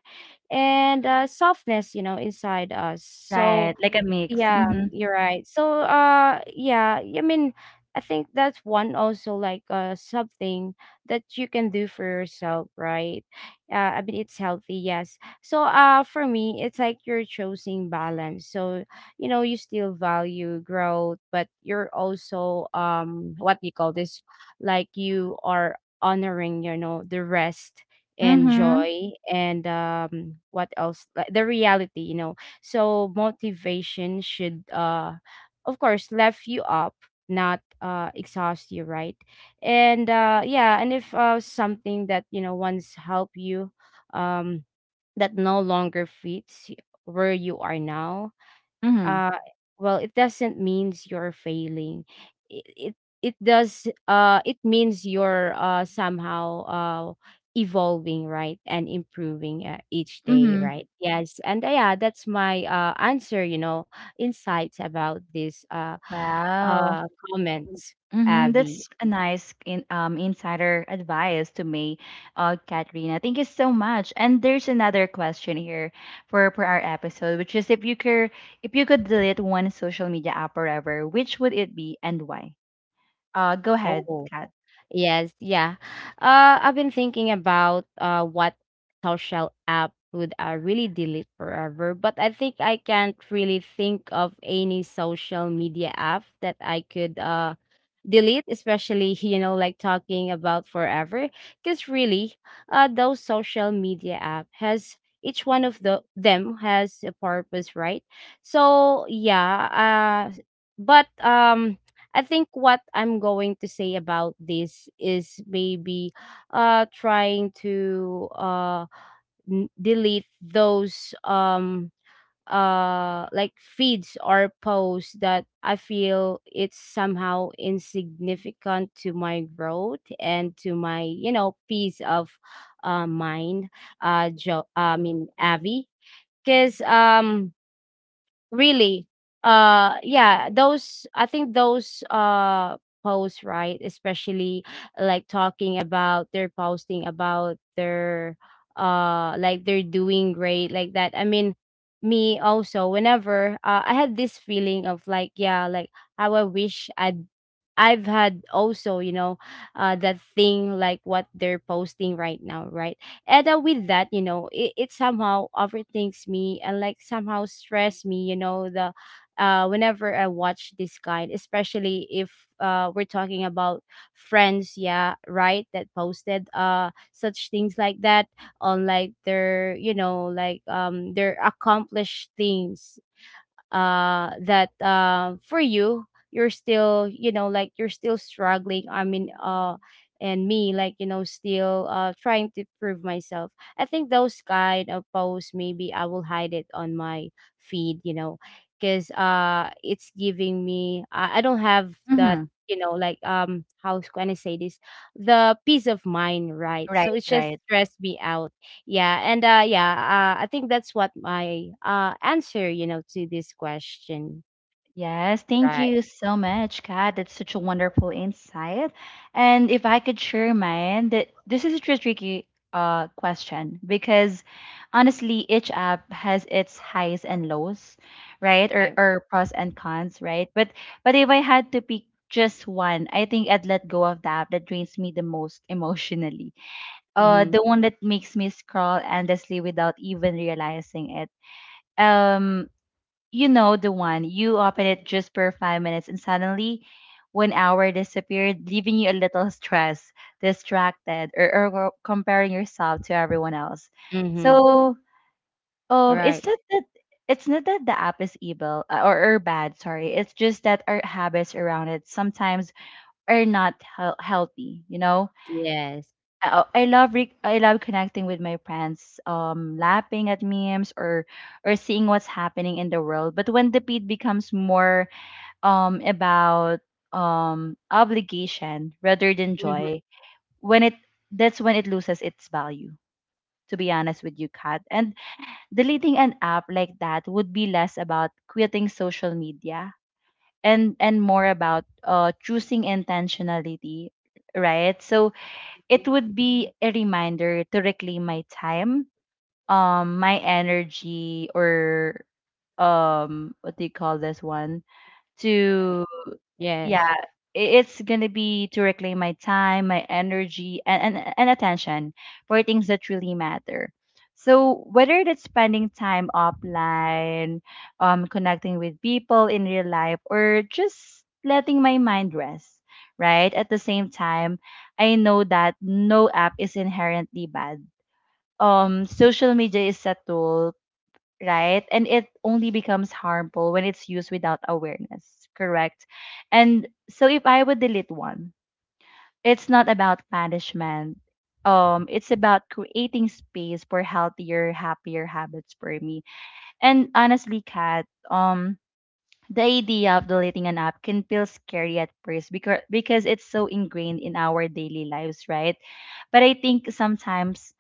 and softness, you know, inside us. So
Right, like a mix.
yeah,
Mhm.
you're right. So, yeah, I mean, I think that's one also, like something that you can do for yourself, right? I mean, it's healthy, yes. So, for me, it's like you're choosing balance. So, you know, you still value growth, but you're also, what do you call this? Like you are honoring, you know, the rest and
Mhm.
joy, and what else, like the reality, you know. So motivation should, of course, lift you up, not exhaust you, right? And yeah, and if something that, you know, once helped you um that no longer fits where you are now,
Mhm.
uh well, it doesn't means you're failing. It it, it does uh it means you're somehow evolving, right, and improving, each day,
Mhm.
right? Yes. And yeah, that's my answer, you know, insights about this
Wow.
uh comments,
Mhm.
Avi.
That's a nice insider advice to me, Katrina. Thank you so much. And there's another question here for our episode, which is if you could delete one social media app forever, which would it be and why? Go ahead,
Oh.
Kat.
Yes, yeah. I've been thinking about what social app would I really delete forever, but I think I can't really think of any social media app that I could delete, especially you know, like talking about forever, because really, those social media app has each one of the them has a purpose, right? So yeah, but I think what I'm going to say about this is maybe trying to delete those like feeds or posts that I feel it's somehow insignificant to my growth and to my, you know, peace of mind, I mean Avi. Because really, yeah, those, I think those posts, right, especially like talking about their posting about their like they're doing great like that, I mean, me also whenever, I had this feeling of like, yeah, like how I wish I'd, I've had also, you know, that thing like what they're posting right now, right? And with that, you know, it somehow overthinks me and like somehow stress me, you know, the whenever I watch this kind, especially if we're talking about friends, yeah, right, that posted such things like that, on like their, you know, like their accomplished things that for you, you're still, you know, like you're still struggling, I mean, and me, like, you know, still trying to prove myself. I think those kind of posts maybe I will hide it on my feed, you know, because it's giving me, I don't have that,
Mhm.
you know, like, how can I say this, the peace of mind, right? So it
Right,
just
right.
stressed me out. Yeah, and yeah, I think that's what my answer, you know, to this question.
Yes, thank
Right.
you so much, Kat. That's such a wonderful insight. And if I could share mine, that this is a tricky question because honestly, each app has its highs and lows, right?
Right.
Or pros and cons, right? But if I had to pick just one, I think I'd let go of the app that drains me the most emotionally.
Mhm.
The one that makes me scroll endlessly without even realizing it. Um, you know the one. You open it just for 5 minutes and suddenly 1 hour disappeared, leaving you a little stressed, distracted, or comparing yourself to everyone else.
Mhm.
So um it's
Right.
not that it's not that the app is evil or bad, sorry. It's just that our habits around it sometimes are not healthy, you know?
Yes.
I love I love connecting with my friends, laughing at memes or seeing what's happening in the world. But when the feed becomes more about obligation rather than
Mhm.
joy, when it that's when it loses its value. To be honest with you, Kat, and deleting an app like that would be less about quitting social media and more about choosing intentionality, right? So it would be a reminder to reclaim my time, my energy, or what do you call this one?
Right.
To
Yes.
yeah, it's gonna be to reclaim my time, my energy, and, and attention for things that really matter. So whether that's spending time offline, connecting with people in real life, or just letting my mind rest, right? At the same time, I know that no app is inherently bad. Social media is a tool, right? And it only becomes harmful when it's used without awareness, correct? And so if I would delete one, it's not about punishment. It's about creating space for healthier, happier habits for me. And honestly, Kat, the idea of deleting an app can feel scary at first because it's so ingrained in our daily lives, right? But I think sometimes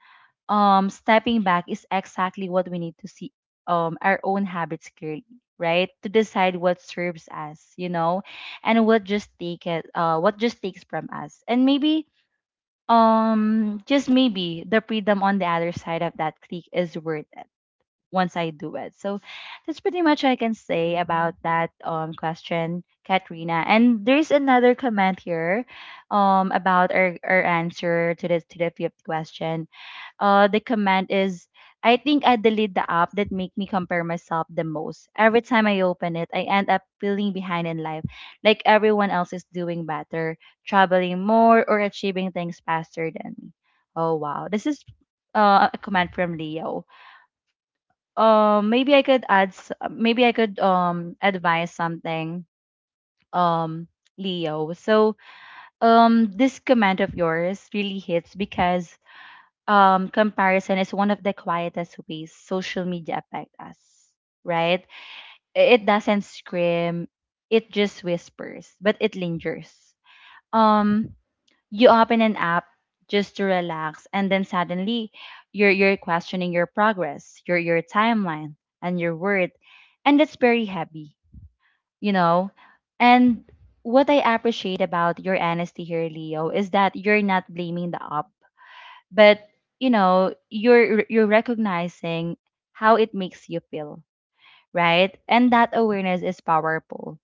stepping back is exactly what we need to see our own habits clearly, right? To decide what serves us, you know, and what just take it what just takes from us. And maybe just maybe the freedom on the other side of that click is worth it once I do it. So that's pretty much I can say about that question, Katrina. And there's another comment here about our answer to the fifth question. The comment is: I think I delete the app that make me compare myself the most. Every time I open it, I end up feeling behind in life, like everyone else is doing better, traveling more, or achieving things faster than me. Oh wow, this is a comment from Leo. Maybe I could add, maybe I could advise something. Um, Leo. So this comment of yours really hits because comparison is one of the quietest ways social media affect us, right? It doesn't scream, it just whispers, but it lingers. Um, you open an app just to relax, and then suddenly you're questioning your progress, your timeline, and your worth, and that's very heavy, you know. And what I appreciate about your honesty here, Leo, is that you're not blaming the app but you know you're recognizing how it makes you feel, right? And that awareness is powerful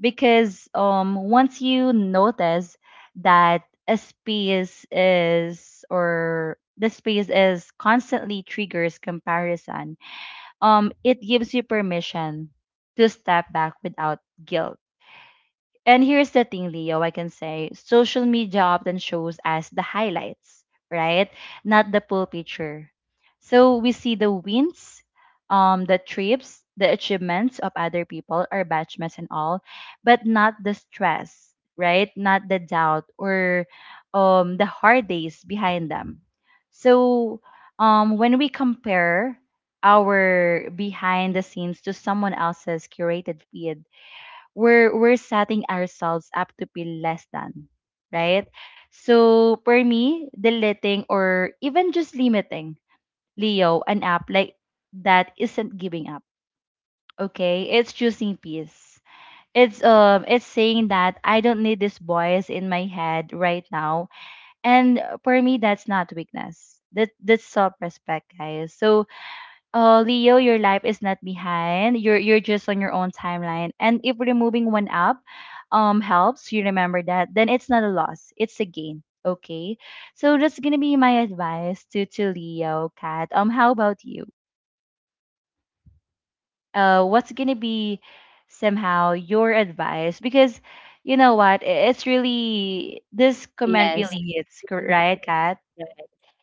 because once you notice that a space is or the space is constantly triggers comparison. It gives you permission to step back without guilt. And here's the thing, Leo, I can say social media often shows us the highlights, right? Not the full picture. So we see the wins, the trips, the achievements of other people, our batchmates and all, but not the stress, right? Not the doubt or the hard days behind them. So when we compare our behind the scenes to someone else's curated feed, we're setting ourselves up to feel less than, right? So for me, deleting or even just limiting, Leo, an app like that isn't giving up. Okay, it's choosing peace. It's it's saying that I don't need this voice in my head right now. And for me that's not weakness, that's self-respect, guys. So oh, Leo, your life is not behind. You're just on your own timeline. And if removing one app helps you remember that, then it's not a loss. It's a gain. Okay. So that's gonna be my advice to Leo, Kat. How about you? What's gonna be somehow your advice? Because you know what, it's really, this comment
Yes.
really hits,
Mhm.
right, Kat?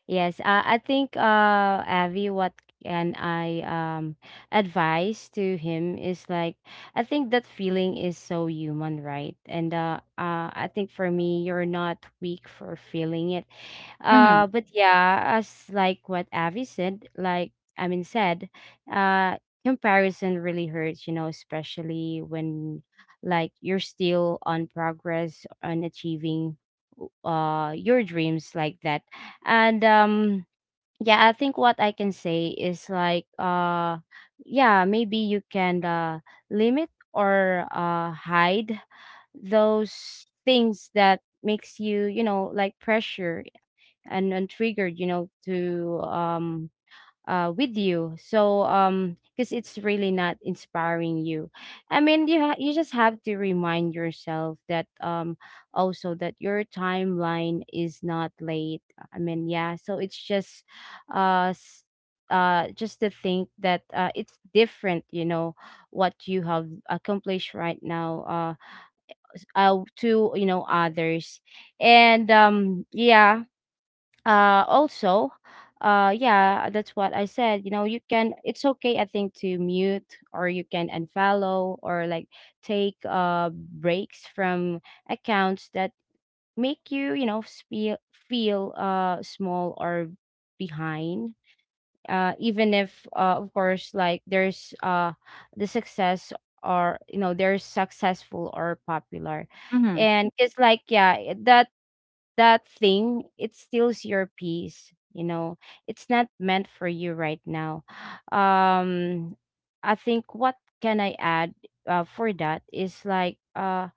Yes, I think Avi, what can I advise to him is like, I think that feeling is so human, right? And I think for me, you're not weak for feeling it.
Mm-hmm.
But yeah, as like what Avi said, like said, comparison really hurts, you know, especially when like you're still on progress on achieving your dreams like that. And yeah, I think what I can say is like, yeah, maybe you can limit or hide those things that makes you, you know, like pressure and triggered, you know, to with you. So because it's really not inspiring you. I mean, you you just have to remind yourself that also that your timeline is not late. I mean, yeah. So it's just uh. s- just to think that it's different, you know, what you have accomplished right now, to, you know, others. And yeah, also yeah, that's what I said, you know, you can, it's okay, I think to mute, or you can unfollow, or like take breaks from accounts that make you, you know, feel small or behind, even if, of course, like there's the success, or, you know, they're successful or popular.
Mm-hmm.
And it's like, yeah, that that thing, it steals your peace, you know, it's not meant for you right now. um I think what can I add, for that is like,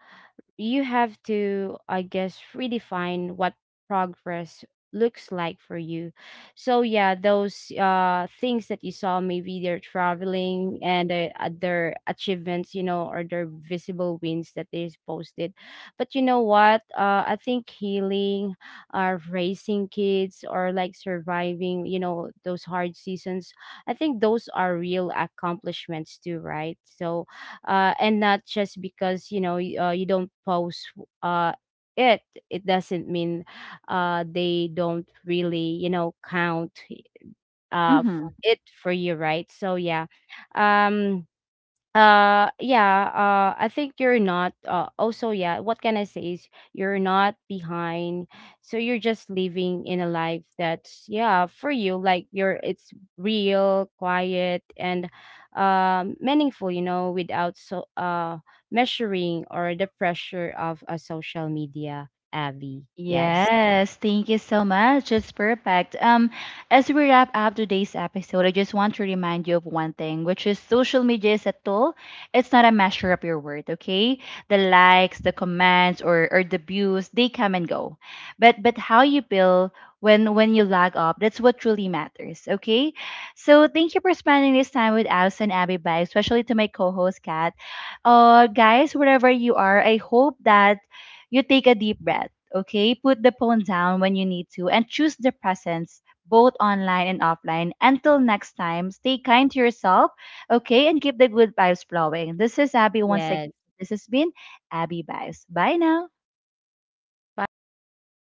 you have to, I guess, redefine what progress looks like for you. So yeah, those things that you saw, maybe they're traveling and other achievements, you know, or their visible wins that they posted. But you know what? I think healing, raising kids, or like surviving, you know, those hard seasons, I think those are real accomplishments too, right? So and not just because, you know, you don't post, uh, it, it doesn't mean, they don't really, you know, count,
Mm-hmm.
it for you, right? So yeah. um yeah, I think you're not, also, yeah, what can I say is you're not behind. So you're just living in a life that's, yeah, for you, like you're, it's real, quiet, and meaningful, you know, without so, measuring or the pressure of a social media, Abby. Yes.
Yes, thank you so much. It's perfect. As we wrap up today's episode, I just want to remind you of one thing, which is social media is a tool. It's not a measure of your worth, okay? The likes, the comments, or the views, they come and go. But how you feel when you log off, that's what truly matters, okay? So thank you for spending this time with us and Abby Bye, especially to my co-host Kat. Guys, wherever you are, I hope that you take a deep breath. Okay, put the phone down when you need to and choose the presence, both online and offline. Until next time, stay kind to yourself, okay, and keep the good vibes flowing. This is Abby once again.
Yes.
This has been Abby Vibes. Bye now.
Bye, guys.